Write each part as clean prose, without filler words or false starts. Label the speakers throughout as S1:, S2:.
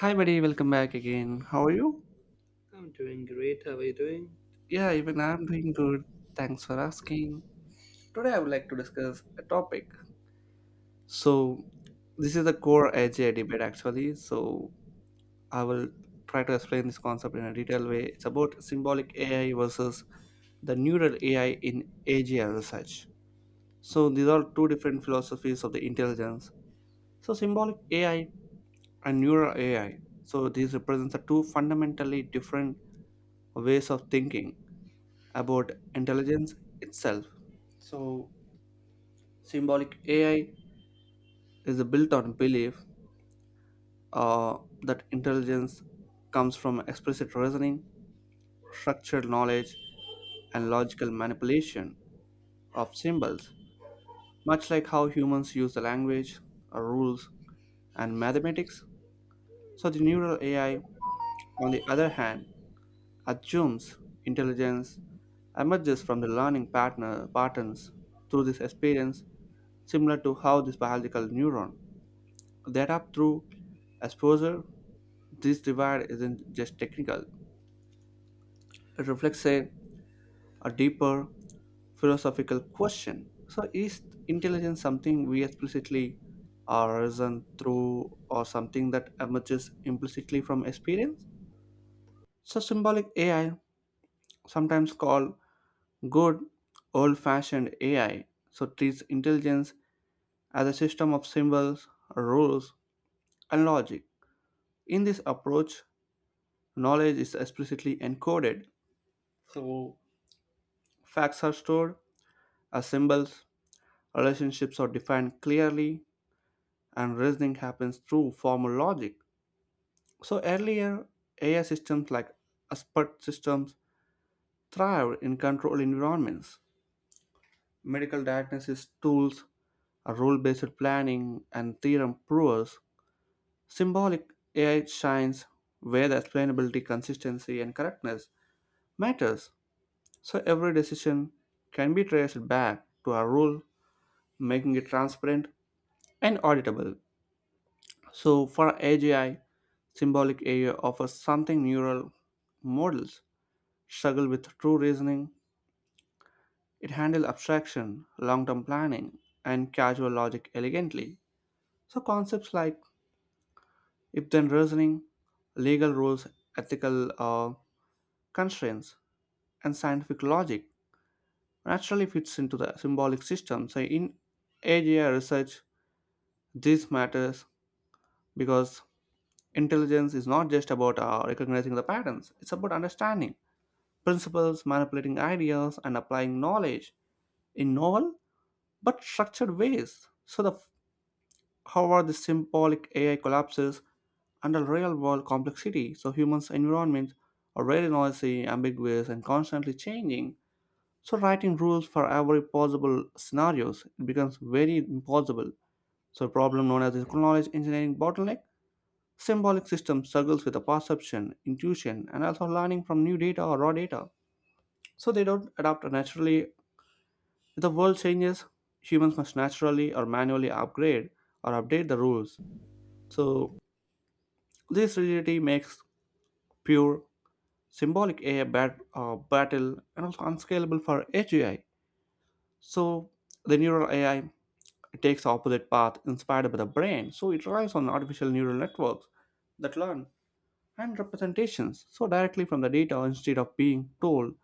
S1: Hi, buddy. Welcome back again. How are you?
S2: I'm doing great. How are you doing?
S1: Yeah, even I'm doing good. Thanks for asking. Today, I would like to discuss a topic. So this is the core AGI debate, actually. So I will try to explain this concept in a detailed way. It's about symbolic AI versus the neural AI in AGI research. So these are two different philosophies of the intelligence. So, symbolic AI and neural AI. So these represent the two fundamentally different ways of thinking about intelligence itself. So symbolic AI is built on belief uh, that intelligence comes from explicit reasoning, structured knowledge, and logical manipulation of symbols, much like how humans use the language, rules, and mathematics. So the neural AI, on the other hand, assumes intelligence emerges from the learning partner patterns through this experience, similar to how this biological neuron that up through exposure. This divide isn't just technical, it reflects a deeper philosophical question. So, is intelligence something we explicitly are reason through, or something that emerges implicitly from experience? So, symbolic AI, sometimes called good old fashioned AI, so treats intelligence as a system of symbols, rules, and logic. In this approach, knowledge is explicitly encoded. So facts are stored as symbols, relationships are defined clearly, and reasoning happens through formal logic. So earlier AI systems like expert systems thrived in controlled environments. Medical diagnosis tools, rule based planning, and theorem provers. Symbolic AI shines where the explainability, consistency, and correctness matters. So every decision can be traced back to a rule, making it transparent and auditable. So for AGI, symbolic AI offers something neural models struggle with: true reasoning. It handles abstraction, long-term planning, and casual logic elegantly. So concepts like if-then reasoning, legal rules, ethical constraints, and scientific logic naturally fits into the symbolic system. So in AGI research, this matters because intelligence is not just about recognizing the patterns, it's about understanding principles, manipulating ideas, and applying knowledge in novel but structured ways. So, the how are the symbolic AI collapses under real world complexity? So humans' environments are very noisy, ambiguous, and constantly changing. So writing rules for every possible scenarios it becomes very impossible. So a problem known as the knowledge engineering bottleneck. Symbolic system struggles with the perception, intuition, and also learning from new data or raw data. So they don't adapt naturally. If the world changes, humans must naturally or manually upgrade or update the rules. So this rigidity makes pure symbolic AI battle and also unscalable for AGI. So the neural AI takes the opposite path, inspired by the brain. So it relies on artificial neural networks that learn and representations so directly from the data, instead of being told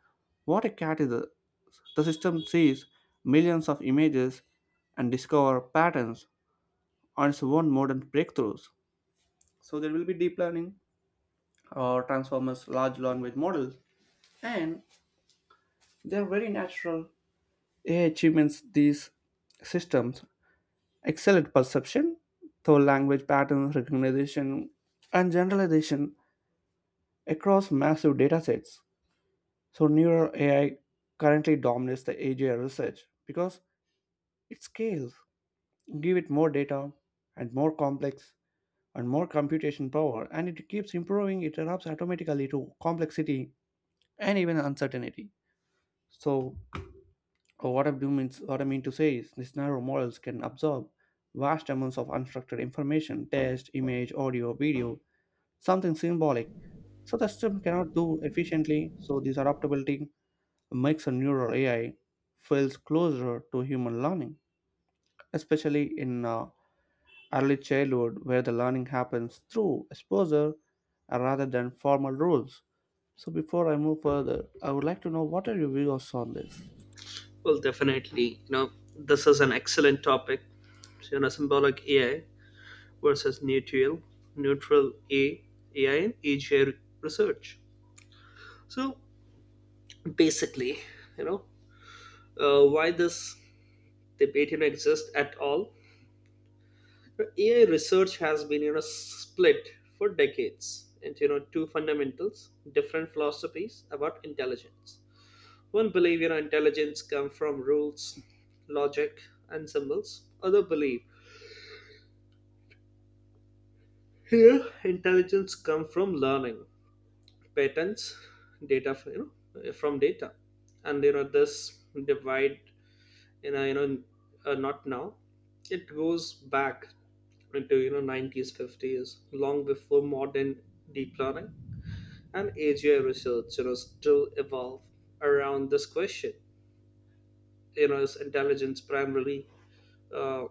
S1: what a cat is. The system sees millions of images and discover patterns on its own modern breakthroughs. So there will be deep learning or transformers, large language models, and they're very natural AI achievements. These systems excel at perception through language patterns recognition and generalization across massive datasets. So neural AI currently dominates the AGI research because it scales, give it more data and more complex and more computation power, and it keeps improving. It adapts automatically to complexity and even uncertainty. So what I mean to say is these narrow models can absorb vast amounts of unstructured information, text, image, audio, video, something symbolic. So the system cannot do efficiently. So this adaptability makes a neural AI feels closer to human learning, especially in early childhood where the learning happens through exposure rather than formal rules. So before I move further, I would like to know, what are your views on this?
S2: Well, definitely. This is an excellent topic. So, symbolic AI versus neutral A, AI in AGI research. So, basically, you know, why this debate exists at all? AI research has been split for decades into two fundamentals, different philosophies about intelligence. One believer intelligence comes from rules, logic, and symbols. Other believe here intelligence comes from learning, patterns, data you know from data, and this divide in a not now. It goes back into 90s, 50s, long before modern deep learning and AGI research. Still evolve around this question. Is intelligence primarily uh,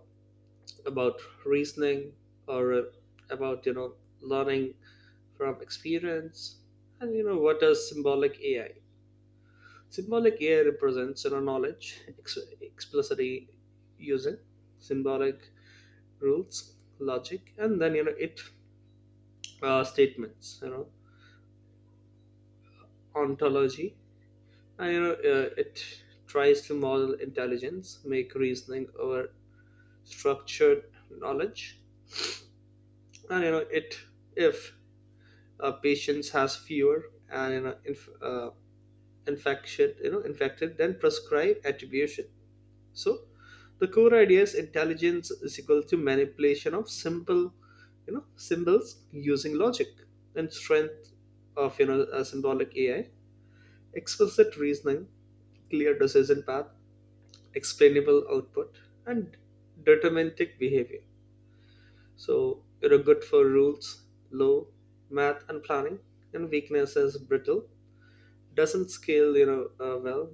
S2: about reasoning, or about learning from experience. And what does symbolic AI represents, knowledge explicitly, using symbolic rules, logic. And then you know it statements, ontology. And it tries to model intelligence, make reasoning over structured knowledge. And it, if patients has fever and, infection, infected, then prescribe attribution. So the core idea is intelligence is equal to manipulation of simple, symbols using logic. And strength of a symbolic AI, explicit reasoning, clear decision path, explainable output, and deterministic behavior. So you're good for rules, law, math, and planning. And weakness is brittle, doesn't scale, well,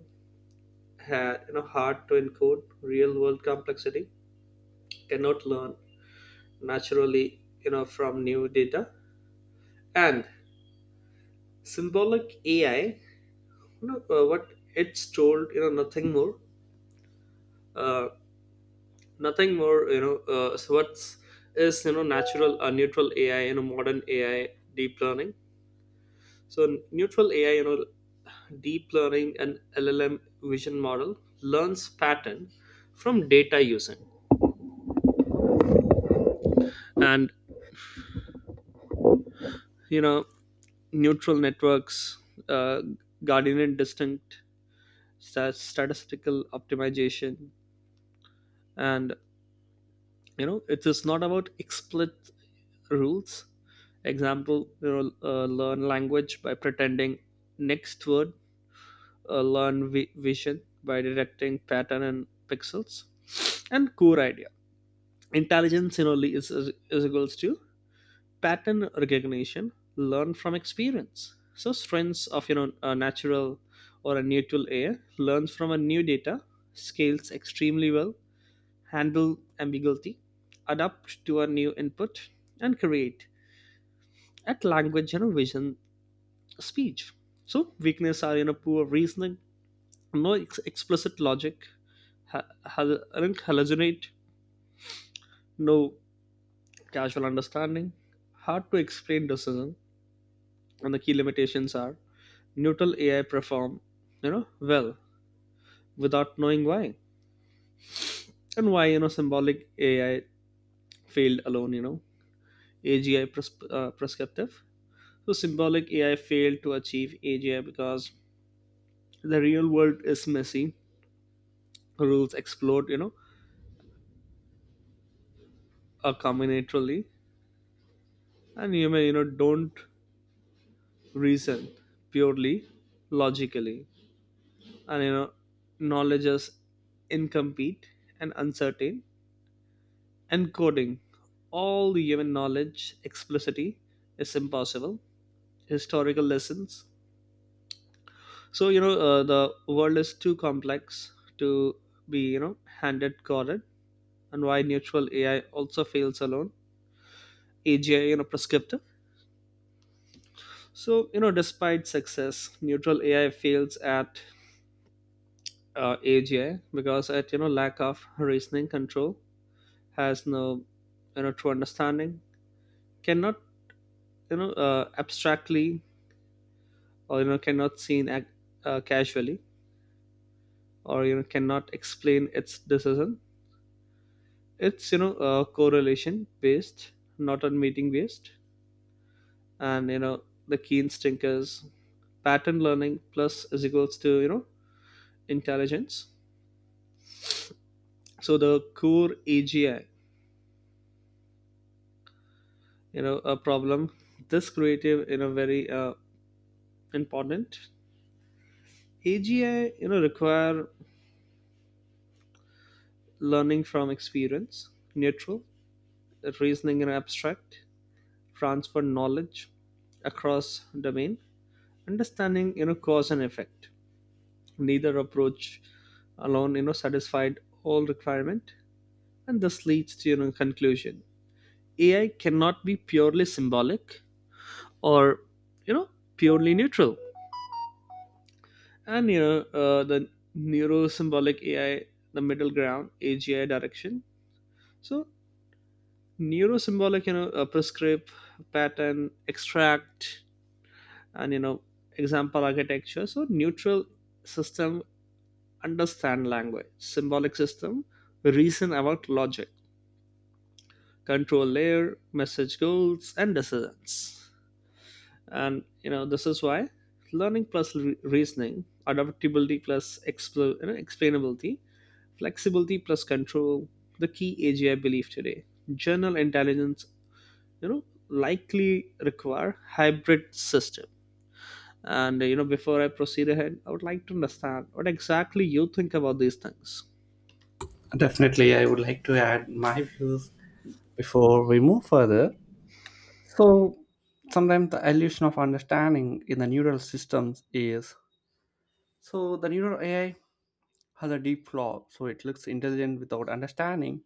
S2: hard to encode real world complexity, cannot learn naturally, from new data. And symbolic AI, what it's told, nothing more. uh, Nothing more, so what's is natural, neutral AI, modern AI, deep learning. So neutral AI, deep learning and LLM vision model, learns pattern from data using, and you know neutral networks, uh, guardian distinct, statistical optimization. And it is not about explicit rules. Example, learn language by pretending next word, learn vision by detecting pattern and pixels. And core idea, intelligence, is equals to pattern recognition, learn from experience. So strengths of a natural or a neutral air, learns from a new data, scales extremely well, handle ambiguity, adapt to a new input, and create at language, you vision, speech. So weakness are poor reasoning, no explicit logic, ha- hal- hallucinate, no casual understanding, hard to explain decision. And the key limitations are, neutral AI perform, well without knowing why. And why symbolic AI failed alone. AGI prescriptive. So symbolic AI failed to achieve AGI because the real world is messy, rules explode, are combinatorily, and you may don't reason purely logically, and knowledge is incomplete and uncertain. Encoding all the human knowledge explicitly is impossible. Historical lessons. So the world is too complex to be handed coded. And why neutral AI also fails alone. AGI prescriptive. So despite success, neutral AI fails at AGI because at lack of reasoning control, has no true understanding, cannot abstractly, or cannot seen casually, or cannot explain its decision. It's correlation based, not on meeting based. And the key instinct is pattern learning plus is equals to intelligence. So the core AGI a problem, this creative, very important. AGI require learning from experience, neutral reasoning and abstract, transfer knowledge across domain, understanding cause and effect. Neither approach alone satisfied all requirement. And this leads to conclusion. AI cannot be purely symbolic or you know purely neutral. And the neurosymbolic AI, the middle ground AGI direction. So neurosymbolic, prescribe, pattern extract. And example architecture. So neutral system understand language, symbolic system reason about logic, control layer message goals and decisions. And this is why learning plus reasoning, adaptability plus explainability, flexibility plus control, the key AGI belief today. General intelligence you know likely require hybrid system. And, before I proceed ahead, I would like to understand what exactly you think about these things.
S1: Definitely, I would like to add my views before we move further. So, sometimes the illusion of understanding in the neural systems is, so the neural AI has a deep flaw, so it looks intelligent without understanding.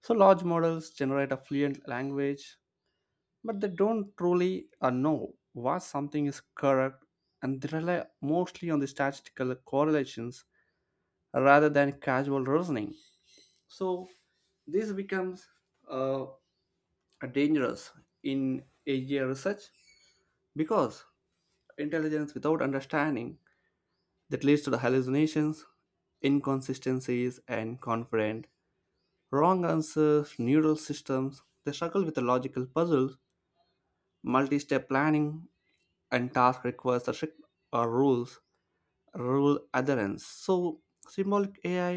S1: So large models generate a fluent language, but they don't truly know what something is correct, and they rely mostly on the statistical correlations rather than casual reasoning. So this becomes uh, dangerous in AI research because intelligence without understanding that leads to the hallucinations, inconsistencies, and confident wrong answers. Neural systems, they struggle with the logical puzzles, multi-step planning, and task requires the strict uh, rules rule adherence. So symbolic AI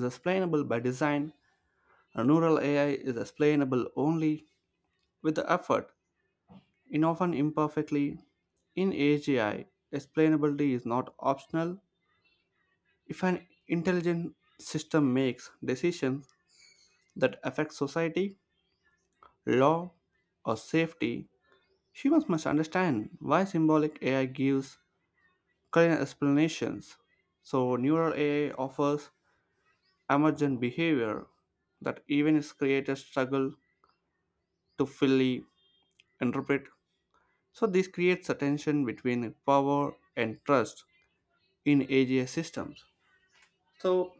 S1: is explainable by design, and neural AI is explainable only with the effort, in often imperfectly. In AGI, explainability is not optional. If an intelligent system makes decisions that affect society, law, or safety, humans must understand why. Symbolic AI gives current explanations. So neural AI offers emergent behavior that even its creators struggle to fully interpret. So this creates a tension between power and trust in AGI systems. So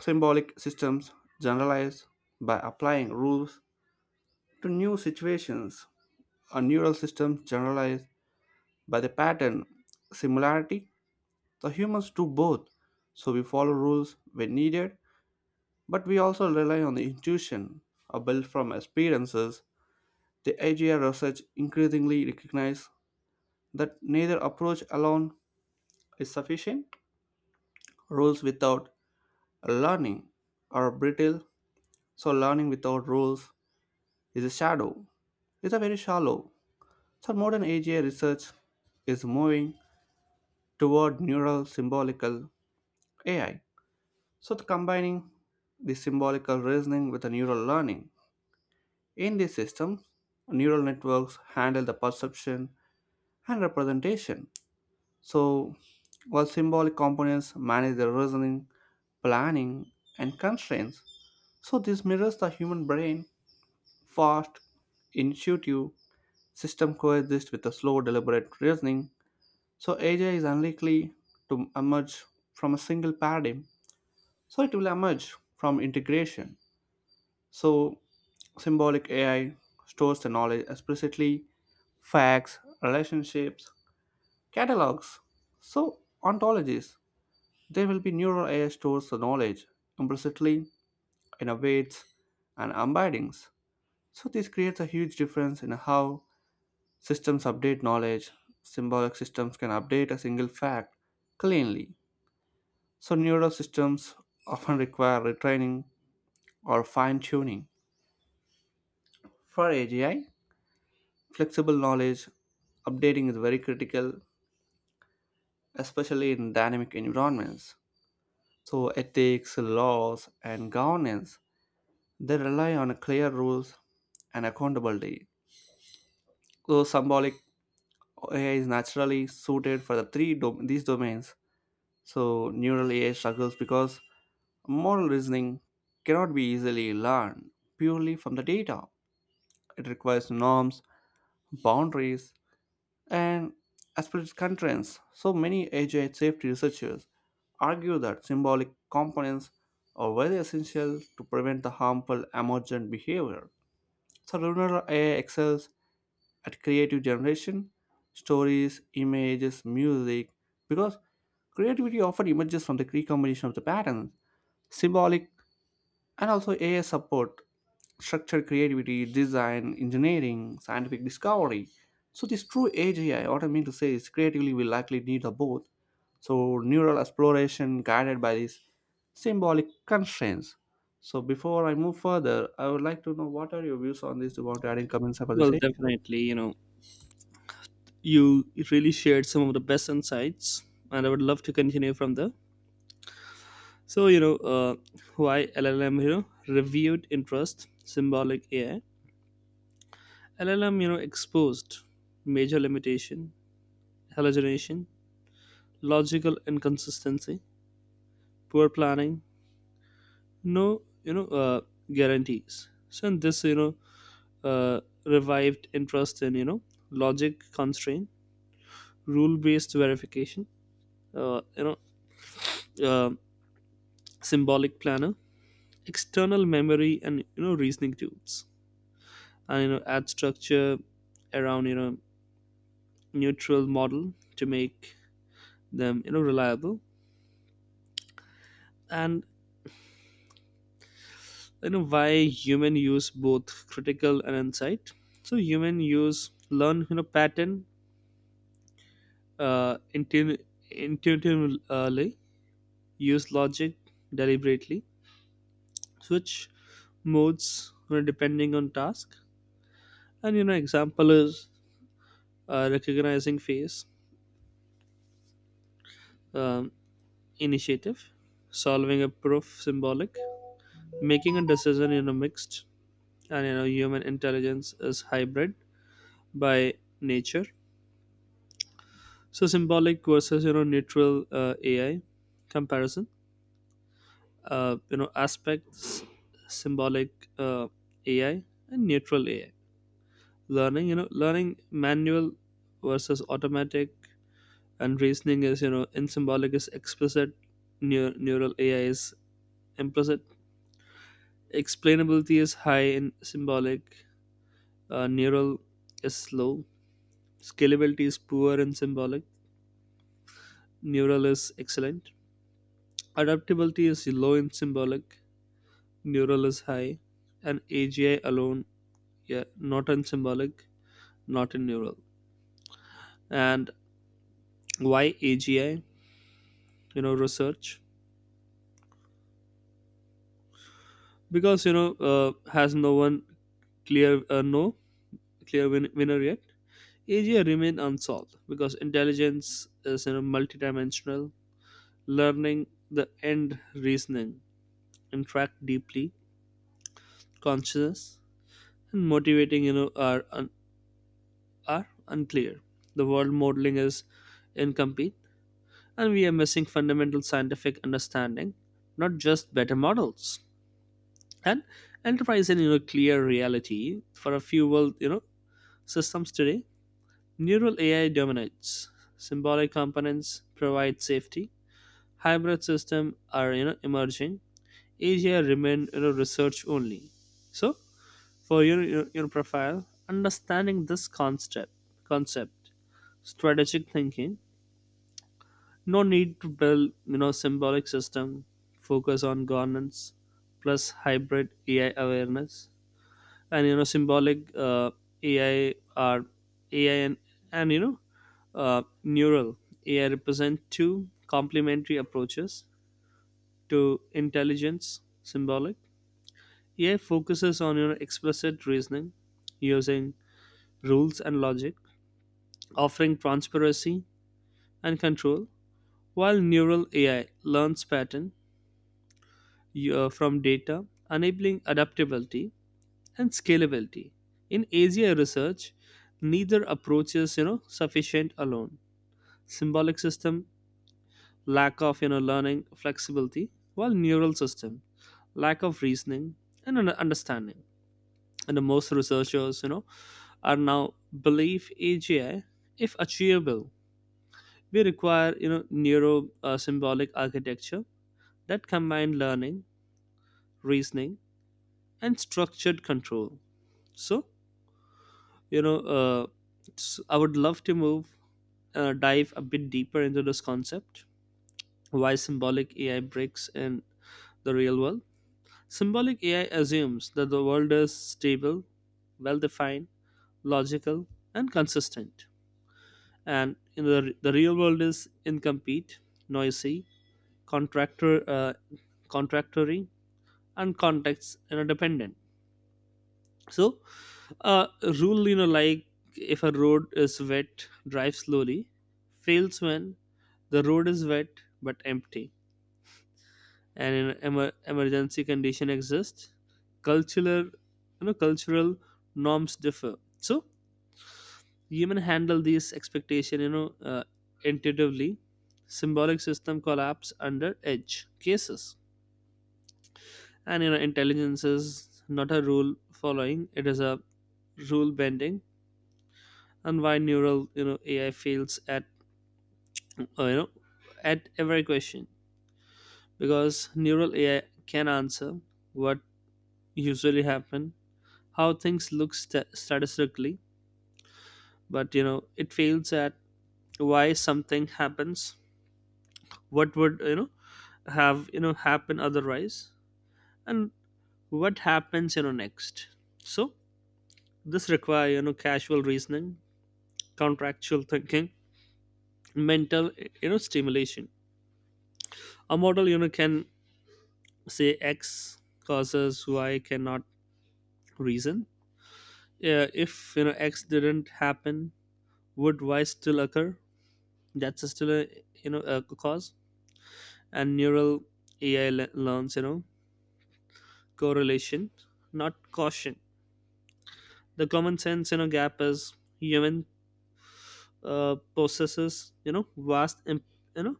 S1: symbolic systems generalize by applying rules to new situations. A neural system generalize by the pattern similarity. The humans do both. So we follow rules when needed, but we also rely on the intuition built from experiences. The AGI research increasingly recognize that neither approach alone is sufficient. Rules without learning are brittle, so learning without rules is a shadow. It's a very shallow. So modern AGI research is moving toward neural symbolical AI. So the combining the symbolical reasoning with the neural learning. In these systems, neural networks handle the perception and representation, so while symbolic components manage the reasoning, planning, and constraints. So this mirrors the human brain: fast, intuitive system coexists with a slow, deliberate reasoning. So AI is unlikely to emerge from a single paradigm. So it will emerge from integration. So symbolic AI stores the knowledge explicitly: facts, relationships, catalogs. So, ontologies, they will be neural AI stores the knowledge implicitly, innovates, and embeddings. So this creates a huge difference in how systems update knowledge. Symbolic systems can update a single fact cleanly. So neural systems often require retraining or fine tuning. For AGI, flexible knowledge updating is very critical, especially in dynamic environments. So ethics, laws, and governance, they rely on clear rules and accountability. So symbolic AI is naturally suited for the these domains. So neural AI struggles because moral reasoning cannot be easily learned purely from the data. It requires norms, boundaries, and as per its contents, so many AI safety researchers argue that symbolic components are very essential to prevent the harmful emergent behavior. So Lunar AI excels at creative generation, stories, images, music, because creativity often emerges from the recombination of the patterns. Symbolic and also AI support structure, creativity, design, engineering, scientific discovery. So this true AI, what I mean to say is creatively we likely need a both. So neural exploration guided by these symbolic constraints. So before I move further, I would like to know, what are your views on this? Do you want to add in comments about the
S2: Well,
S1: same?
S2: definitely, you really shared some of the best insights, and I would love to continue from there. So, why LLM, reviewed interest, symbolic AI. LLM, exposed major limitation, hallucination, logical inconsistency, poor planning, no, guarantees. So, in this, uh, revived interest in logic constraint, rule-based verification, uh, you know, uh, symbolic planner, external memory, and reasoning tools, and add structure around neutral model to make them reliable. And why human use both critical and insight. So human use learn pattern uh, intu- intuitively, use logic deliberately, switch modes, depending on task. And example is recognizing face, um, initiative, solving a proof symbolic, making a decision mixed. And human intelligence is hybrid by nature. So symbolic versus neutral AI comparison. Uh, aspects, symbolic AI and neutral AI. Learning, learning manual versus automatic. And reasoning is, in symbolic is explicit, neural AI is implicit. Explainability is high in symbolic, neural is slow. Scalability is poor in symbolic, neural is excellent. Adaptability is low in symbolic, neural is high. And AGI alone, yeah, not in symbolic, not in neural. And why AGI research, because has no one clear, no clear winner yet. Asia remain unsolved because intelligence is, multidimensional. Learning the end reasoning, interact deeply. Consciousness and motivating are are unclear. The world modeling is incomplete, and we are missing fundamental scientific understanding, not just better models. And enterprise and clear reality for a few world systems today. Neural AI dominates. Symbolic components provide safety, hybrid system are emerging, Asia remain research only. So for your profile, understanding this concept, strategic thinking, no need to build symbolic system, focus on governance plus hybrid AI awareness. And symbolic uh, AI are AI and uh, neural AI represent two complementary approaches to intelligence. Symbolic AI focuses on your explicit reasoning using rules and logic, offering transparency and control, while neural AI learns pattern, from data, enabling adaptability and scalability. In AGI research, neither approach is sufficient alone. Symbolic system lack of learning flexibility, while neural system lack of reasoning and understanding. And the most researchers are now believe AGI, if achievable, we require neuro symbolic architecture that combine learning, reasoning, and structured control. So, you know uh, I would love to move, dive a bit deeper into this concept. Why symbolic AI breaks in the real world. Symbolic AI assumes that the world is stable, well defined, logical, and consistent. And in the real world is incomplete, noisy, contractor uh, contractory, and context, dependent. So uh, rule like, if a road is wet drive slowly, fails when the road is wet but empty, and in emergency condition exists. Cultural cultural norms differ. So human handle these expectation, intuitively. Symbolic system collapse under edge cases. And, intelligence is not a rule following, it is a rule bending. And why neural, AI fails at uh, you know at every question, because neural AI can answer what usually happen, how things look statistically, but it fails at why something happens, what would have happen otherwise, and what happens next. So this require casual reasoning, contractual thinking, mental stimulation. A model can say x causes y, cannot reason, yeah, if x didn't happen, would y still occur? That's still a you know a cause. And neural AI learns correlation, not caution. The common sense gap is, human possesses vast you know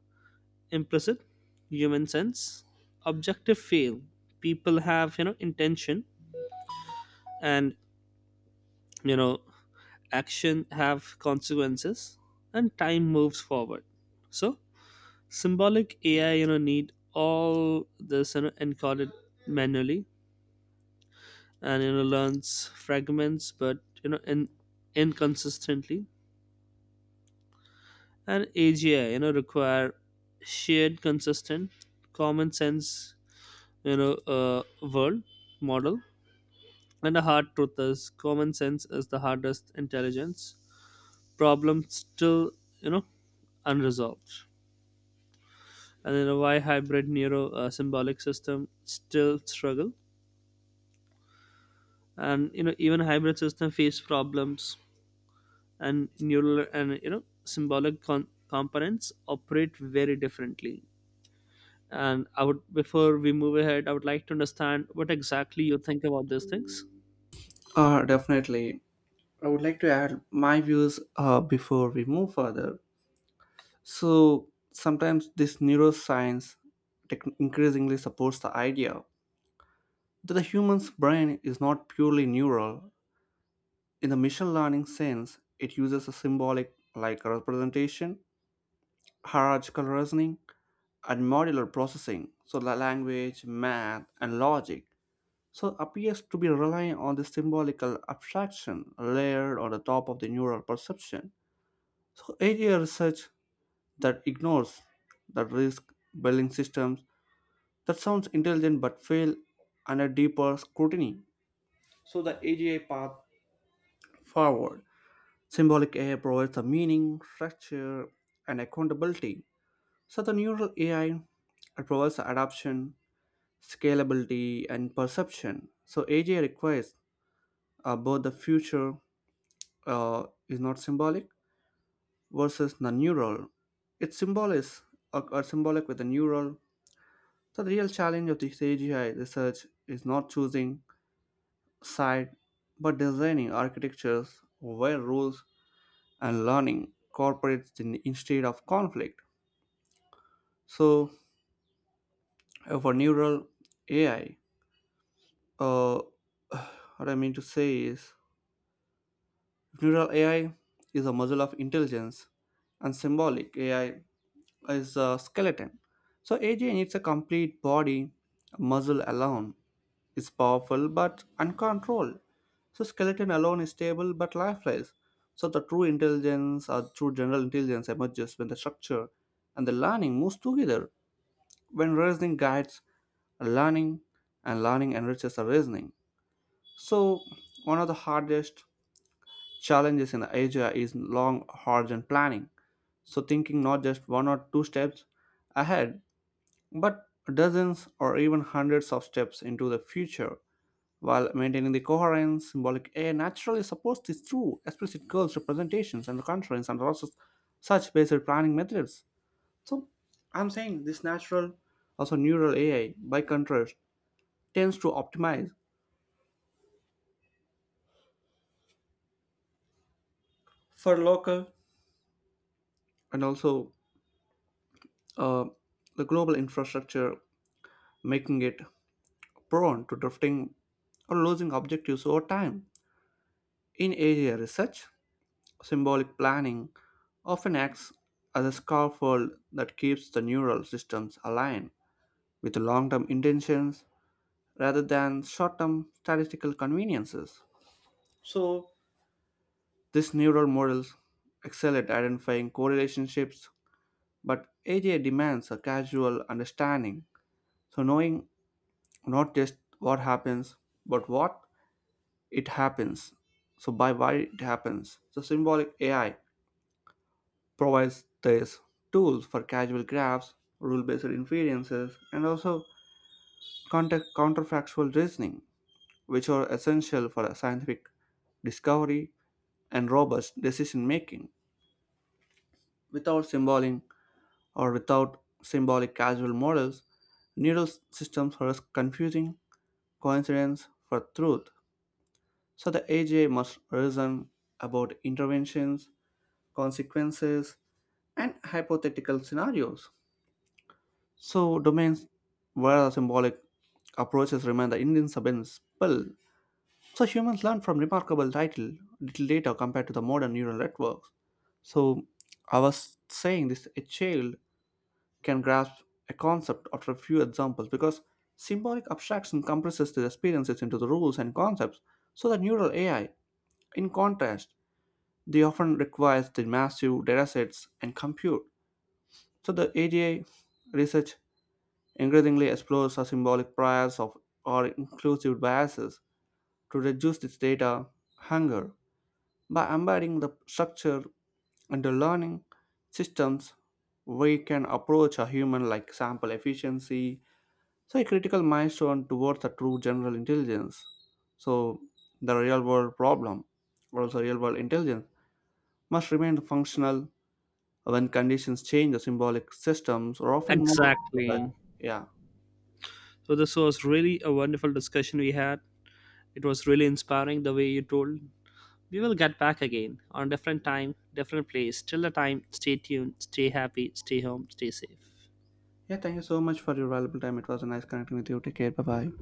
S2: implicit human sense, objective feel, people have intention, and you know action have consequences, and time moves forward. So symbolic AI need all this encoded manually, and learns fragments but in inconsistently. And AGI require shared consistent common sense, you know uh, world model. And the hard truth is, common sense is the hardest intelligence problem still, you know unresolved. And why hybrid neuro symbolic system still struggle. And even hybrid system face problems, and neural and symbolic components operate very differently. And I would, before we move ahead, I would like to understand what exactly you think about these things.
S1: Definitely. I would like to add my views before we move further. So sometimes this neuroscience tech increasingly supports the idea that the human's brain is not purely neural. In the machine learning sense, it uses a symbolic like representation, hierarchical reasoning, and modular processing, so the language, math, and logic. So appears to be relying on the symbolical abstraction layered on the top of the neural perception. So area research that ignores the risk building systems that sounds intelligent but fail under deeper scrutiny. So the AGI path forward. Symbolic AI provides the meaning, structure, and accountability. So the neural AI, it provides the adoption, scalability, and perception. So AGI requires both. The future is not symbolic versus the neural. It's symbolic with the neural. So the real challenge of this AGI research is not choosing side but designing architectures where rules and learning cooperates in, instead of conflict. So for neural AI, uh, what I mean to say is neural AI is a muscle of intelligence and symbolic AI is a skeleton. So AGI needs a complete body. Muscle alone is powerful but uncontrolled. So skeleton alone is stable but lifeless. So the true intelligence, or true general intelligence, emerges when the structure and the learning moves together. When reasoning guides learning and learning enriches the reasoning. So one of the hardest challenges in Asia is long horizon planning. So thinking not just one or two steps ahead, but dozens or even hundreds of steps into the future, while maintaining the coherence. Symbolic A naturally supports these true explicit goals representations and the conference and also such basic planning methods. So I'm saying this natural, also neural AI by contrast tends to optimize for local and also uh, the global infrastructure, making it prone to drifting or losing objectives over time. In AI research, symbolic planning often acts as a scaffold that keeps the neural systems aligned with long term intentions rather than short term statistical conveniences. So these neural models excel at identifying correlationships, but AJ demands a casual understanding. So knowing not just what happens, but what it happens. So, by why it happens. So symbolic AI provides these tools for causal graphs, rule-based inferences, and also counterfactual reasoning, which are essential for scientific discovery and robust decision making. Without symbolic, or without symbolic causal models, neural systems are confusing coincidence for truth. So the AGI must reason about interventions, consequences, and hypothetical scenarios. So domains where symbolic approaches remain the Indian subinspel. So humans learn from remarkable title little later compared to the modern neural networks. So I was saying this, a child can grasp a concept after a few examples because symbolic abstraction compresses the experiences into the rules and concepts. So the neural AI, in contrast, they often requires the massive datasets and compute. So the AGI research increasingly explores a symbolic bias of, or inclusive biases, to reduce this data hunger. By embedding the structure into learning systems, we can approach a human like sample efficiency, so a critical milestone towards a true general intelligence. So the real world problem, or also real world intelligence, must remain functional when conditions change. The symbolic systems are often more,
S2: Exactly.
S1: yeah.
S2: So this was really a wonderful discussion we had. It was really inspiring the way you told. We will get back again on different time, different place. Till the time, stay tuned, stay happy, stay home, stay safe.
S1: Yeah, thank you so much for your valuable time. It was nice connecting with you. Take care. Bye bye.